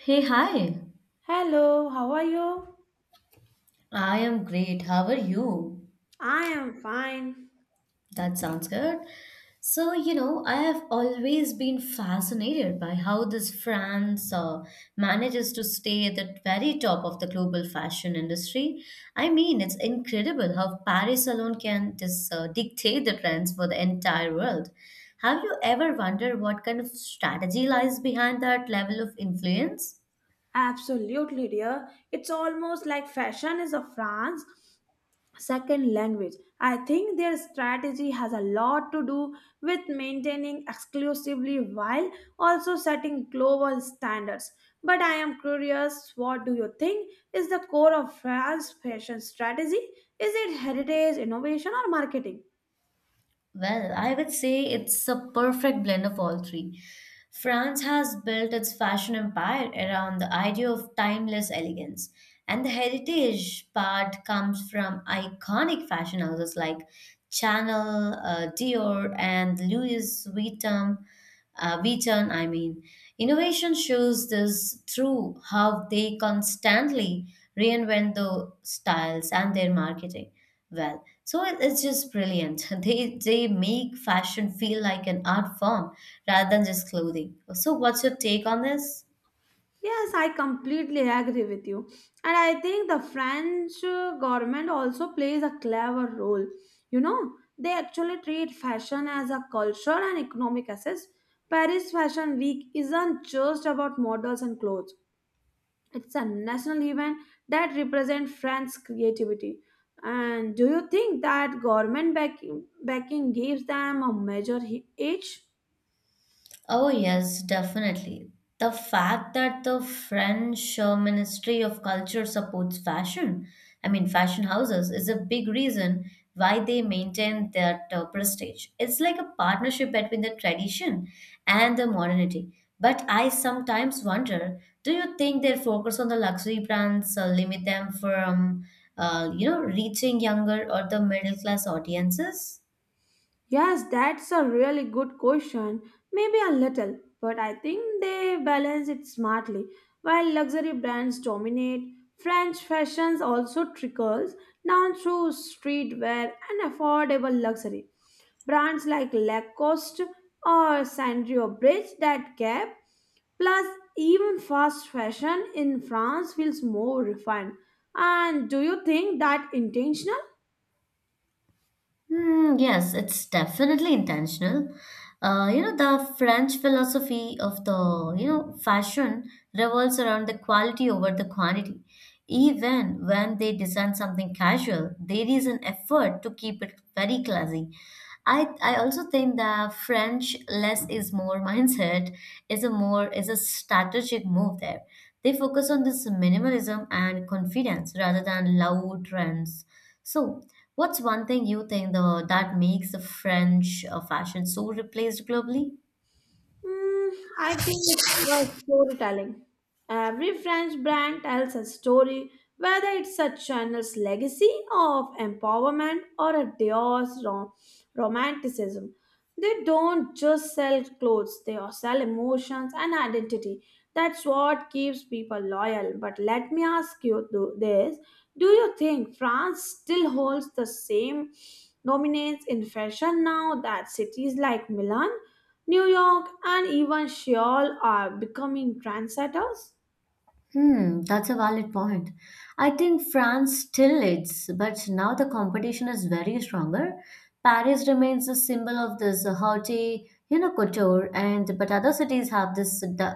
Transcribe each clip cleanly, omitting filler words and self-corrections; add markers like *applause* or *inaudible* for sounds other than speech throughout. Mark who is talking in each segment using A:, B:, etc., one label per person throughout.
A: Hey, hi.
B: Hello, how are you?
A: I am great. How are you?
B: I am fine.
A: That sounds good. I have always been fascinated by how this France manages to stay at the very top of the global fashion industry. I mean, it's incredible how Paris alone can just dictate the trends for the entire world. Have you ever wondered what kind of strategy lies behind that level of influence?
B: Absolutely, dear. It's almost like fashion is a France second language. I think their strategy has a lot to do with maintaining exclusively while also setting global standards. But I am curious, what do you think is the core of France's fashion strategy? Is it heritage, innovation, or marketing?
A: Well, I would say it's a perfect blend of all three. France has built its fashion empire around the idea of timeless elegance, and the heritage part comes from iconic fashion houses like Chanel, Dior, and Louis Vuitton. Vuitton, I mean, innovation shows this through how they constantly reinvent the styles and their marketing well. So it's just brilliant. *laughs* They make fashion feel like an art form rather than just clothing. So what's your take on this?
B: Yes, I completely agree with you. And I think the French government also plays a clever role. You know, they actually treat fashion as a culture and economic asset. Paris Fashion Week isn't just about models and clothes. It's a national event that represents France's creativity. And do you think that backing gives them a edge?
A: Oh, yes, definitely. The fact that the French Ministry of Culture supports fashion, I mean, fashion houses, is a big reason why they maintain that prestige. It's like a partnership between the tradition and the modernity. But I sometimes wonder, do you think their focus on the luxury brands limit them from, reaching younger or the middle class audiences?
B: Yes, that's a really good question. Maybe a little, but I think they balance it smartly. While luxury brands dominate, French fashions also trickles down through streetwear and affordable luxury. Brands like Lacoste or Sandrio bridge that gap. Plus, even fast fashion in France feels more refined. And do you think that intentional?
A: Hmm, yes, it's definitely intentional. The French philosophy of the fashion revolves around the quality over the quantity. Even when they design something casual, there is an effort to keep it very classy. I also think the French less is more *laughs* mindset is a strategic move there. They focus on this minimalism and confidence rather than loud trends. So what's one thing you think the that makes the French fashion so replaced globally?
B: Mm, I think it's the storytelling. Every French brand tells a story, whether it's a Chanel's legacy of empowerment or a Dior's romanticism. They don't just sell clothes, they are sell emotions and identity. That's what keeps people loyal. But let me ask you this. Do you think France still holds the same dominance in fashion now that cities like Milan, New York, and even Seoul are becoming trendsetters?
A: Hmm, that's a valid point. I think France still leads, but now the competition is very stronger. Paris remains a symbol of this haughty, you know, couture, and but other cities have this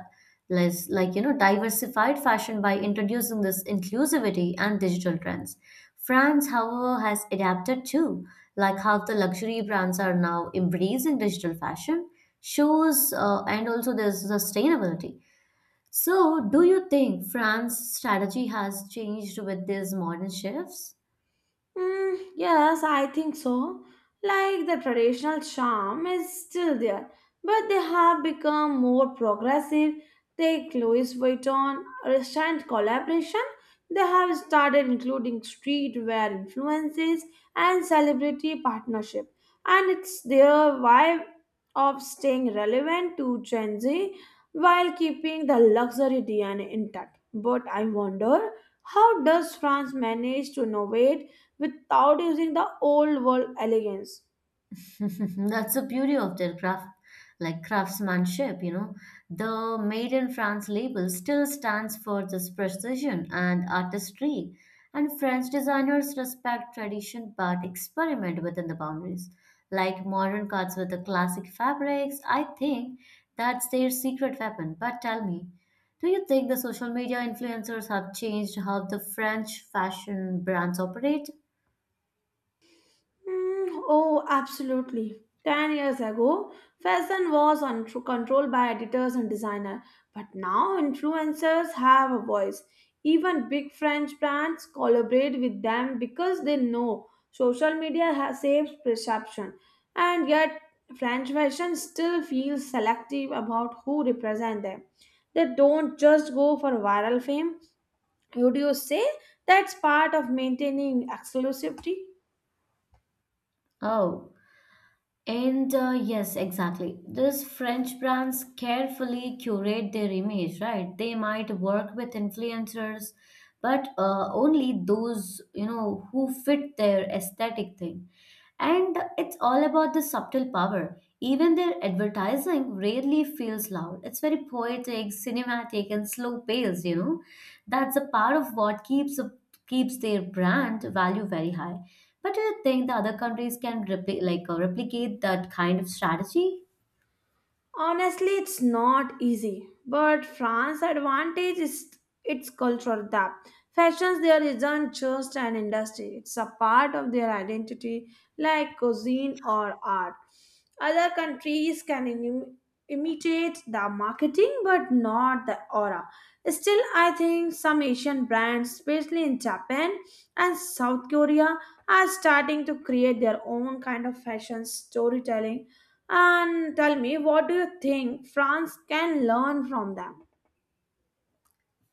A: less like you know diversified fashion by introducing this inclusivity and digital trends. France, however, has adapted too, like how the luxury brands are now embracing digital fashion shows, and also there's sustainability. So, do you think France's strategy has changed with these modern shifts?
B: Yes, I think so. Like the traditional charm is still there, but they have become more progressive. Take Louis Vuitton recent collaboration. They have started including streetwear influences and celebrity partnership, and it's their way of staying relevant to Gen Z while keeping the luxury DNA intact. But I wonder, how does France manage to innovate without using the old world elegance?
A: *laughs* That's the beauty of their craft, like craftsmanship, you know. The Made in France label still stands for this precision and artistry, and French designers respect tradition but experiment within the boundaries, like modern cuts with the classic fabrics. I think that's their secret weapon. But tell me, do you think the social media influencers have changed how the French fashion brands operate?
B: Oh, Absolutely. 10 years ago, controlled by editors and designers, but now influencers have a voice. Even big French brands collaborate with them because they know social media has saves perception. And yet, French fashion still feels selective about who represent them. They don't just go for viral fame. Would you say that's part of maintaining exclusivity?
A: Oh, And yes, exactly. These French brands carefully curate their image, right? They might work with influencers, but only those, you know, who fit their aesthetic thing. And it's all about the subtle power. Even their advertising rarely feels loud. It's very poetic, cinematic, and slow paced, you know. That's a part of what keeps their brand value very high. But do you think the other countries can replicate that kind of strategy?
B: Honestly, it's not easy, but France's advantage is its cultural depth. Fashions there isn't just an industry, it's a part of their identity, like cuisine or art. Other countries can imitate the marketing, but not the aura. Still, I think some Asian brands, especially in Japan and South Korea, are starting to create their own kind of fashion storytelling. And tell me, what do you think France can learn from them?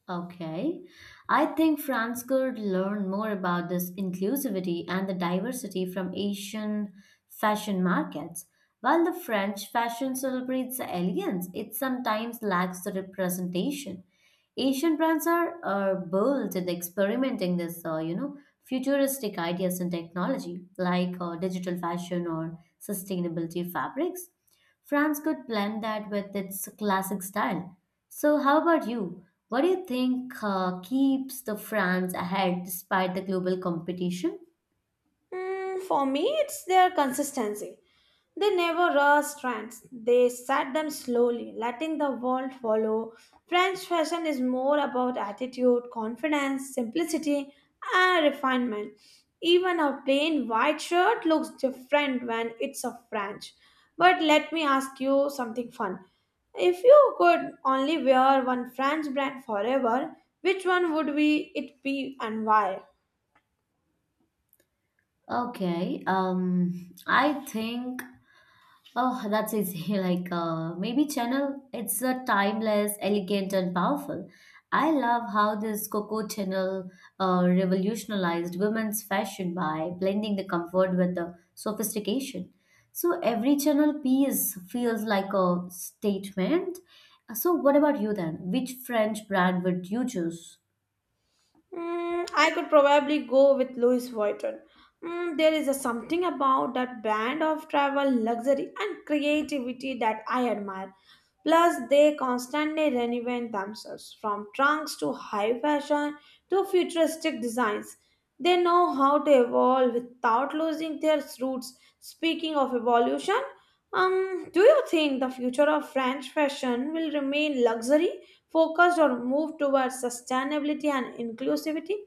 A: Okay. I think France could learn more about this inclusivity and the diversity from Asian fashion markets. While the French fashion celebrates the elegance, it sometimes lacks the representation. Asian brands are bold in experimenting this, futuristic ideas and technology like digital fashion or sustainability fabrics. France could blend that with its classic style. So, how about you? What do you think keeps the France ahead despite the global competition?
B: Hmm, for me, it's their consistency. They never rushed trends. They set them slowly, letting the world follow. French fashion is more about attitude, confidence, simplicity, and refinement. Even a plain white shirt looks different when it's a French. But let me ask you something fun. If you could only wear one French brand forever, which one would be it be and why?
A: Okay, I think Oh, that's easy. *laughs* Like maybe Channel. It's a timeless, elegant, and powerful. I love how this Coco Channel revolutionized women's fashion by blending the comfort with the sophistication. So every channel piece feels like a statement. So what about you then? Which French brand would you choose?
B: I could probably go with Louis Vuitton. There is a something about that brand of travel, luxury, and creativity that I admire. Plus, they constantly reinvent themselves from trunks to high fashion to futuristic designs. They know how to evolve without losing their roots. Speaking of evolution, do you think the future of French fashion will remain luxury focused or moved towards sustainability and inclusivity?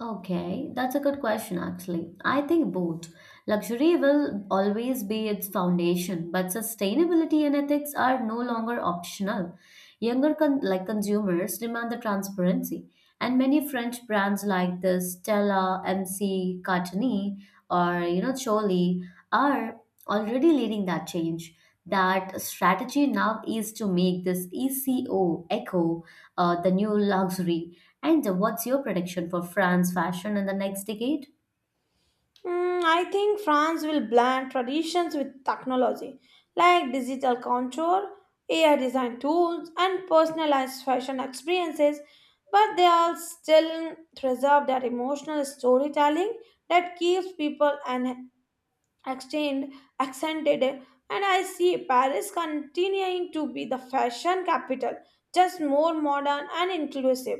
A: Okay, that's a good question actually. I think both. Luxury will always be its foundation, but sustainability and ethics are no longer optional. Younger con- like consumers demand the transparency, and many French brands like this Stella, MC, Cartini, or you know Choli are already leading that change. That strategy now is to make this ECO echo the new luxury. And what's your prediction for France fashion in the next decade?
B: I think France will blend traditions with technology like digital contour, AI design tools, and personalized fashion experiences, but they all still preserve that emotional storytelling that keeps people extend, accented, and I see Paris continuing to be the fashion capital, just more modern and inclusive.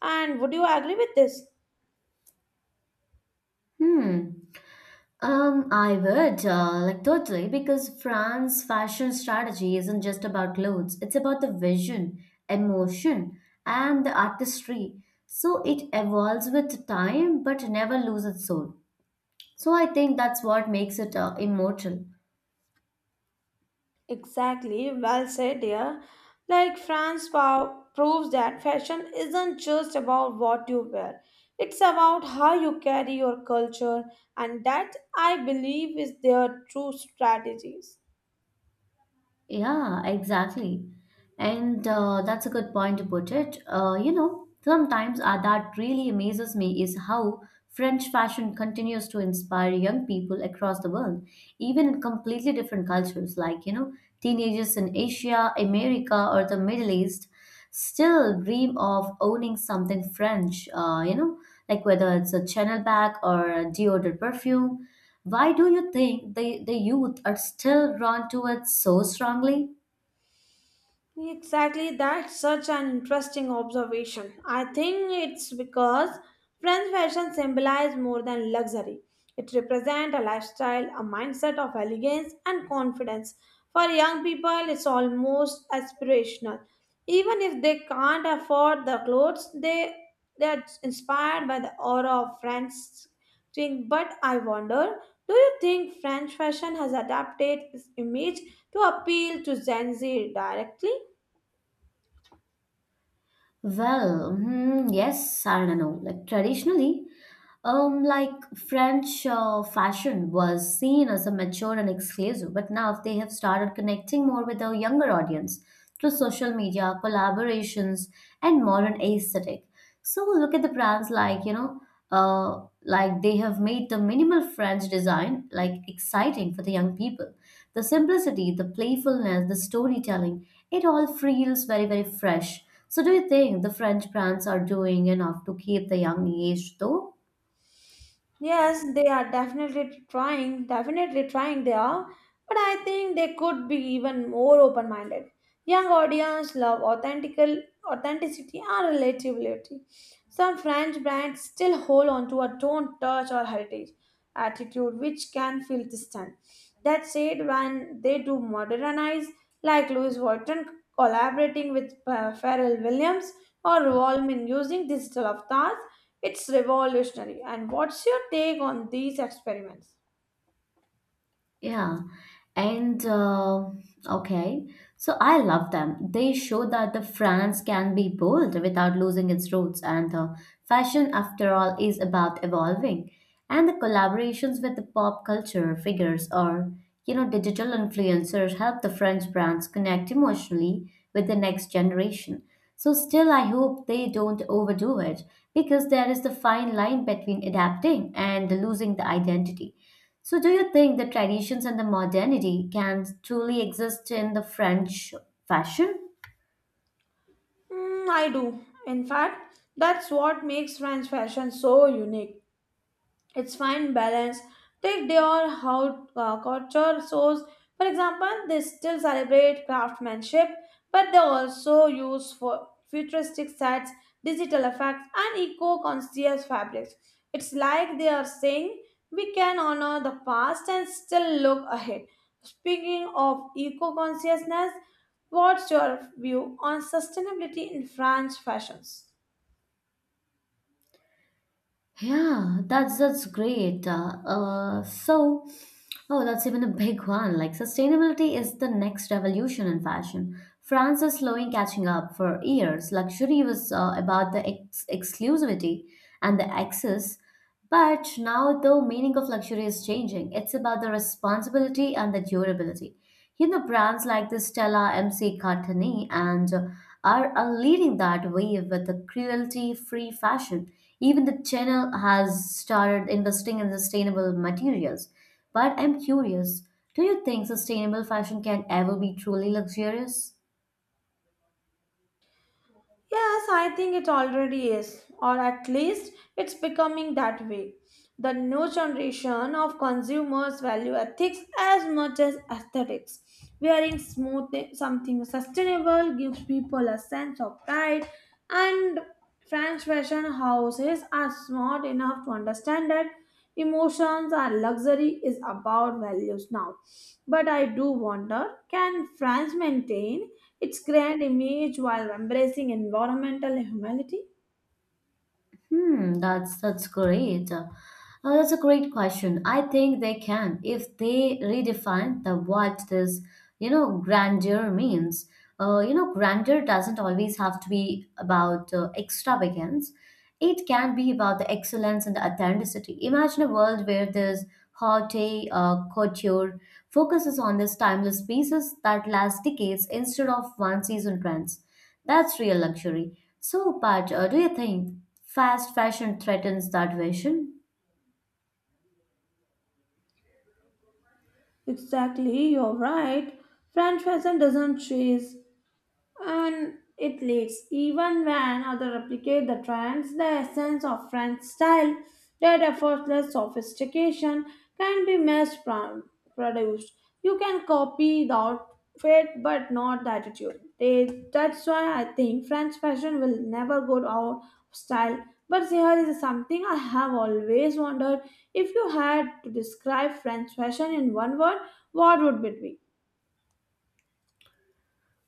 B: And would you agree with this?
A: Hmm. I would like totally because France fashion strategy isn't just about clothes. It's about the vision, emotion, and the artistry. So it evolves with time, but never loses its soul. So I think that's what makes it immortal.
B: Exactly, well said, dear. Like France proves that fashion isn't just about what you wear, it's about how you carry your culture, and that I believe is their true strategies.
A: Yeah, exactly. And that's a good point to put it. You know, sometimes that really amazes me is how French fashion continues to inspire young people across the world, even in completely different cultures, teenagers in Asia, America, or the Middle East still dream of owning something French, like whether it's a Chanel bag or a deodorant perfume. Why do you think the youth are still drawn to it so strongly?
B: Exactly, that's such an interesting observation. I think it's because French fashion symbolizes more than luxury. It represents a lifestyle, a mindset of elegance and confidence. For young people, it's almost aspirational. Even if they can't afford the clothes, they are inspired by the aura of French thing. But I wonder, do you think French fashion has adapted its image to appeal to Gen Z directly?
A: Yes, I don't know. Like traditionally, um, like French fashion was seen as a mature and exclusive, but now they have started connecting more with a younger audience through social media, collaborations, and modern aesthetic. So look at the brands like they have made the minimal French design like exciting for the young people. The simplicity, the playfulness, the storytelling, it all feels very, very fresh. So, do you think the French brands are doing enough to keep the young age though?
B: Yes, they are definitely trying they are, but I think they could be even more open-minded. Young audience love authentical authenticity and relatability. Some French brands still hold on to a don't touch or heritage attitude which can feel distant. That said, when they do modernize, like Louis Vuitton collaborating with Pharrell Williams or Revolmin using digital avatars, it's revolutionary. And what's your take on these experiments?
A: Yeah. And okay, so I love them. They show that the France can be bold without losing its roots, and fashion, after all, is about evolving. And the collaborations with the pop culture figures or you know digital influencers help the French brands connect emotionally with the next generation. So still, I hope they don't overdo it because there is the fine line between adapting and losing the identity. So, do you think the traditions and the modernity can truly exist in the French fashion?
B: I do. In fact, that's what makes French fashion so unique. It's fine balance. Take their how culture shows, for example. They still celebrate craftsmanship, but they also use for futuristic sets, digital effects, and eco-conscious fabrics. It's like they are saying we can honor the past and still look ahead. Speaking of eco-consciousness, what's your view on sustainability in French fashions?
A: Yeah, that's that's great. Uh, uh, so, oh, that's even a big one. Like sustainability is the next revolution in fashion. France is slowly catching up. For years, luxury was about the exclusivity and the access. But now the meaning of luxury is changing. It's about the responsibility and the durability. You know, brands like the Stella MC Cartani and are leading that wave with the cruelty-free fashion. Even the channel has started investing in sustainable materials. But I'm curious, do you think sustainable fashion can ever be truly luxurious?
B: Yes, I think it already is, or at least it's becoming that way. The new generation of consumers value ethics as much as aesthetics. Wearing smooth something sustainable gives people a sense of pride, and French fashion houses are smart enough to understand that emotions and luxury is about values now. But I do wonder, can France maintain it's grand image while embracing environmental humanity?
A: Hmm, that's that's great. Uh, that's a great question. I think they can if they redefine the what this, you know, grandeur means. Grandeur doesn't always have to be about extravagance. It can be about the excellence and the authenticity. Imagine a world where this haute couture focuses on these timeless pieces that last decades instead of one season trends. That's real luxury. So, Pat, do you think fast fashion threatens that vision?
B: Exactly, you're right. French fashion doesn't chase and it leads. Even when others replicate the trends, the essence of French style, that effortless sophistication, can be produced. You can copy the outfit but not the attitude. That's why I think French fashion will never go out of style. But here is something I have always wondered: if you had to describe French fashion in one word, what would it be?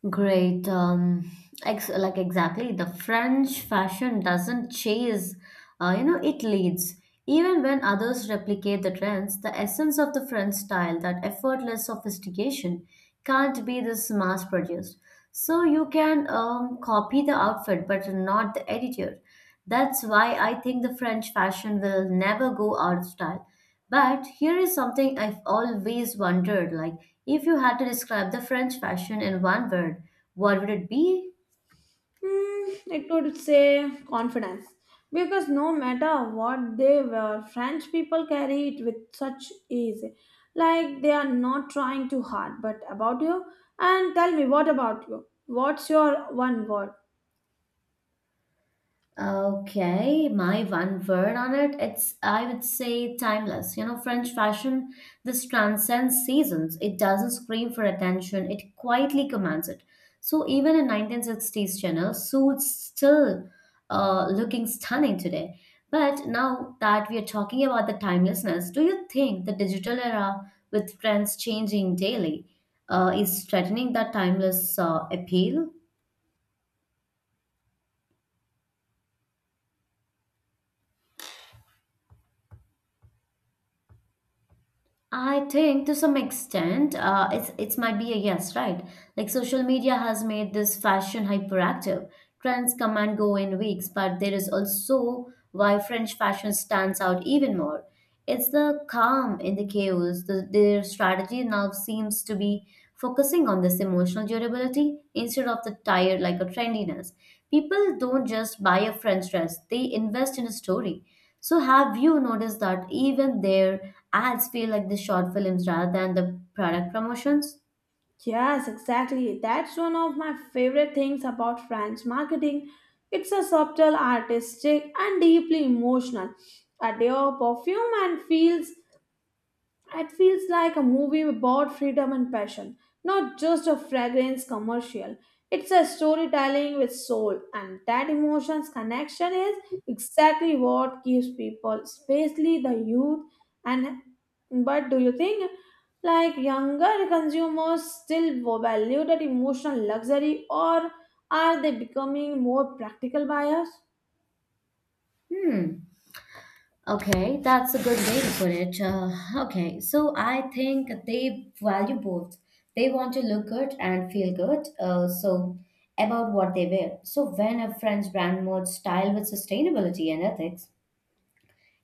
A: Great. Ex like exactly, the French fashion doesn't chase, it leads. Even when others replicate the trends, the essence of the French style, that effortless sophistication, can't be this mass produced. So you can copy the outfit, but not the attitude. That's why I think the French fashion will never go out of style. But here is something I've always wondered, like if you had to describe the French fashion in one word, what would it be?
B: It would say confidence because no matter what they were, French people carry it with such ease, like they are not trying too hard. But about you, and tell me what about you? What's your one word?
A: Okay, my one word on it, it's I would say timeless. You know, French fashion, this transcends seasons. It doesn't scream for attention, it quietly commands it. So even in 1960s Chanel, suits still looking stunning today. But now that we are talking about the timelessness, do you think the digital era with trends changing daily is threatening that timeless appeal? I think to some extent, it might be a yes, right? Like social media has made this fashion hyperactive. Trends come and go in weeks, but there is also why French fashion stands out even more. It's the calm in the chaos. Their strategy now seems to be focusing on this emotional durability instead of the tired like a trendiness. People don't just buy a French dress; they invest in a story. So, have you noticed that even their ads feel like the short films rather than the product promotions?
B: Yes, exactly. That's one of my favorite things about French marketing. It's a subtle, artistic, and deeply emotional. Adore perfume and feel. It feels like a movie about freedom and passion, not just a fragrance commercial. It's a storytelling with soul, and that emotions connection is exactly what keeps people, especially the youth. And but do you think, like younger consumers, still value that emotional luxury, or are they becoming more practical buyers?
A: Hmm. Okay, That's a good way to put it. I think they value both. They want to look good and feel good. About what they wear. So when a French brand merges style with sustainability and ethics,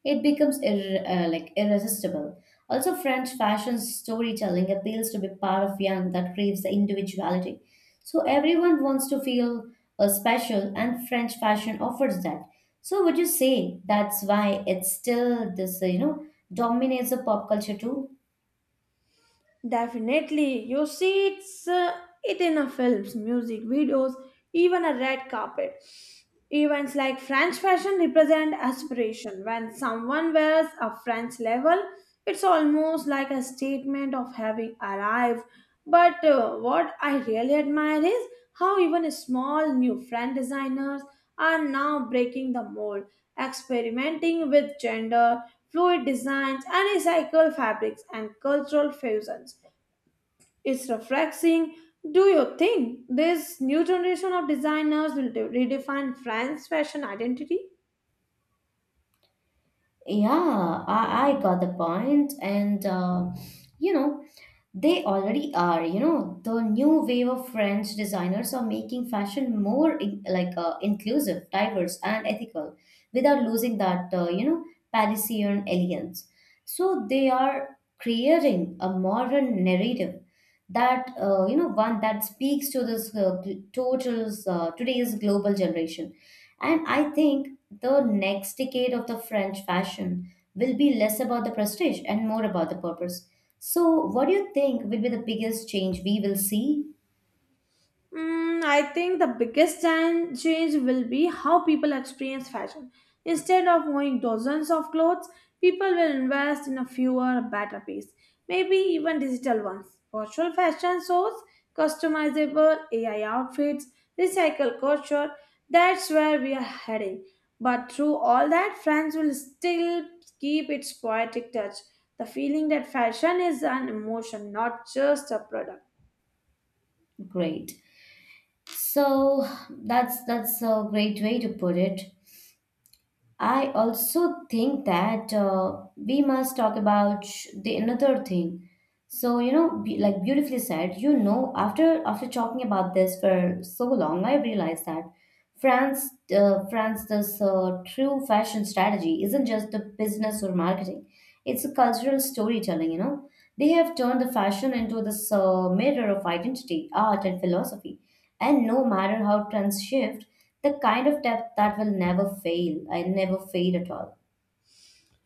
A: it becomes irresistible. Also, French fashion storytelling appeals to be part of young that craves the individuality. So everyone wants to feel special, and French fashion offers that. So would you say that's why it's still this, dominates the pop culture too?
B: Definitely, you see it in a films, music videos, even a red carpet. Events like French fashion represent aspiration. When someone wears a French level, it's almost like a statement of having arrived. But what I really admire is how even small new French designers are now breaking the mold, experimenting with gender, fluid designs, and recycled fabrics and cultural fusions. It's refreshing. Do you think this new generation of designers will redefine France's fashion identity?
A: Yeah, I got the point, and you know, they already are. The new wave of French designers are making fashion more inclusive, diverse, and ethical without losing that, Parisian elegance. So they are creating a modern narrative that one that speaks to this gl- total today's global generation, and I think the next decade of the French fashion will be less about the prestige and more about the purpose. So what do you think will be the biggest change we will see?
B: I think the change will be how people experience fashion. Instead of owning dozens of clothes, people will invest in a fewer, better piece, maybe even digital ones. Virtual fashion shows, customizable AI outfits, recycle culture. That's where we are heading. But through all that, France will still keep its poetic touch, the feeling that fashion is an emotion, not just a product.
A: Great. So that's a great way to put it. I also think that we must talk about the another thing. So you know, like beautifully said, you know, after talking about this for so long, I realized that France, this true fashion strategy isn't just the business or marketing; it's a cultural storytelling. You know, they have turned the fashion into this mirror of identity, art, and philosophy. And no matter how trends shift, the kind of depth that will never fail. I never fade at all.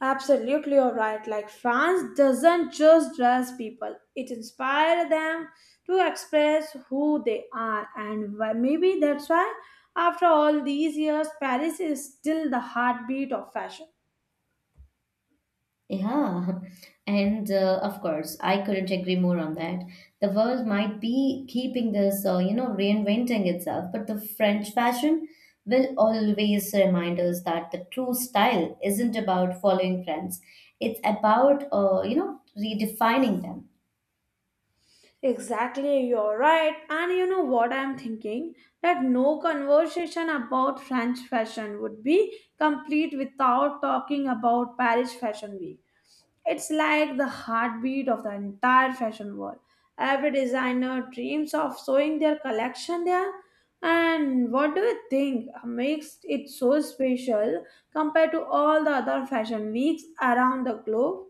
B: Absolutely, you're right. Like France doesn't just dress people; it inspires them to express who they are, and maybe that's why, after all these years, Paris is still the heartbeat of fashion.
A: Yeah, *laughs* and of course, I couldn't agree more on that. The world might be keeping this, reinventing itself, but the French fashion will always remind us that the true style isn't about following trends. It's about, redefining them.
B: Exactly, you're right. And you know what I'm thinking? That no conversation about French fashion would be complete without talking about Paris Fashion Week. It's like the heartbeat of the entire fashion world. Every designer dreams of showing their collection there. And what do you think makes it so special compared to all the other fashion weeks around the globe?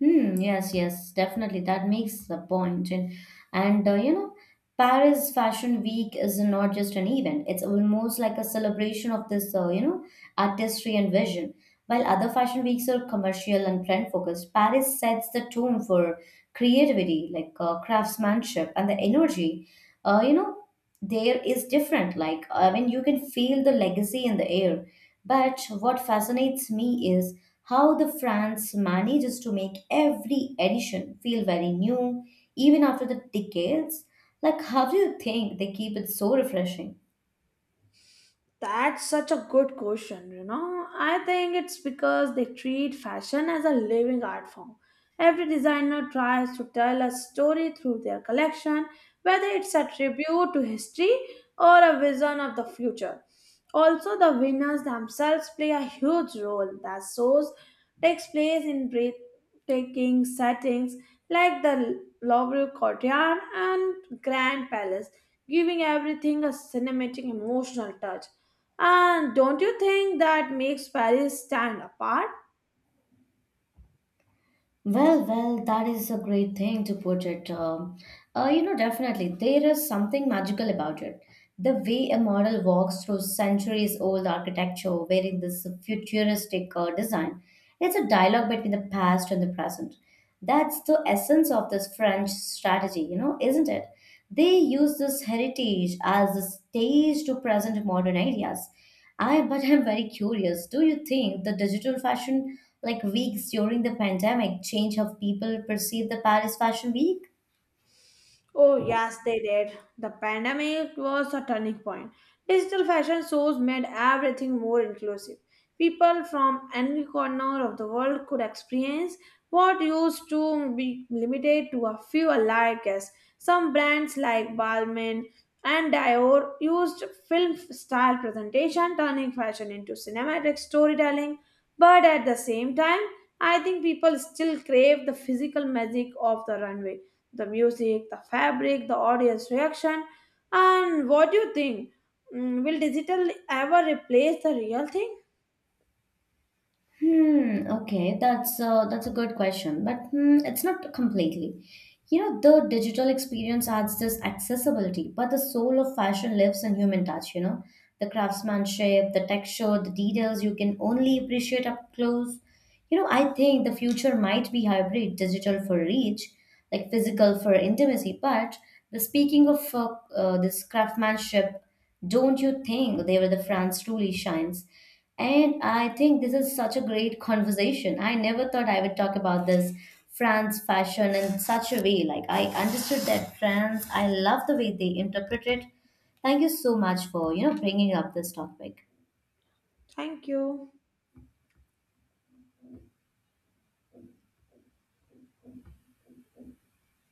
A: Hmm, yes, yes, definitely. That makes the point. And Paris Fashion Week is not just an event, it's almost like a celebration of this, artistry and vision. While other fashion weeks are commercial and trend focused, Paris sets the tone for creativity, craftsmanship and the energy. Uh, you know, there is different, like I mean, you can feel the legacy in the air, but what fascinates me is how the France manages to make every edition feel very new even after the decades. Like how do you think they keep it so refreshing?
B: That's such a good question, you know. I think it's because they treat fashion as a living art form. Every designer tries to tell a story through their collection, whether it's a tribute to history or a vision of the future. Also, the winners themselves play a huge role. The shows takes place in breathtaking settings like the Louvre courtyard and Grand Palace, giving everything a cinematic, emotional touch. And don't you think that makes Paris stand apart?
A: Well, that is a great thing to put it. Definitely, there is something magical about it. The way a model walks through centuries old architecture wearing this futuristic design, it's a dialogue between the past and the present. That's the essence of this French strategy, you know, isn't it? They use this heritage as a stage to present modern ideas. I but I'm very curious. Do you think the digital fashion like weeks during the pandemic change how people perceive the Paris Fashion Week?
B: Oh, yes, they did. The pandemic was a turning point. Digital fashion shows made everything more inclusive. People from any corner of the world could experience what used to be limited to a few elite guests. Some brands like Balmain and Dior used film style presentation, turning fashion into cinematic storytelling. But at the same time, I think people still crave the physical magic of the runway, the music, the fabric, the audience reaction. And what do you think? Will digital ever replace the real thing?
A: Hmm. Okay, that's a good question, but hmm, it's not completely. You know, the digital experience adds this accessibility, but the soul of fashion lives in human touch. You know, the craftsmanship, the texture, the details you can only appreciate up close. You know, I think the future might be hybrid, digital for reach, like physical for intimacy. But the speaking of this craftsmanship, don't you think they were the France truly shines? And I think this is such a great conversation. I never thought I would talk about this France fashion in such a way. Like I understood that France, I love the way they interpret it. Thank you so much for bringing up this topic.
B: Thank you.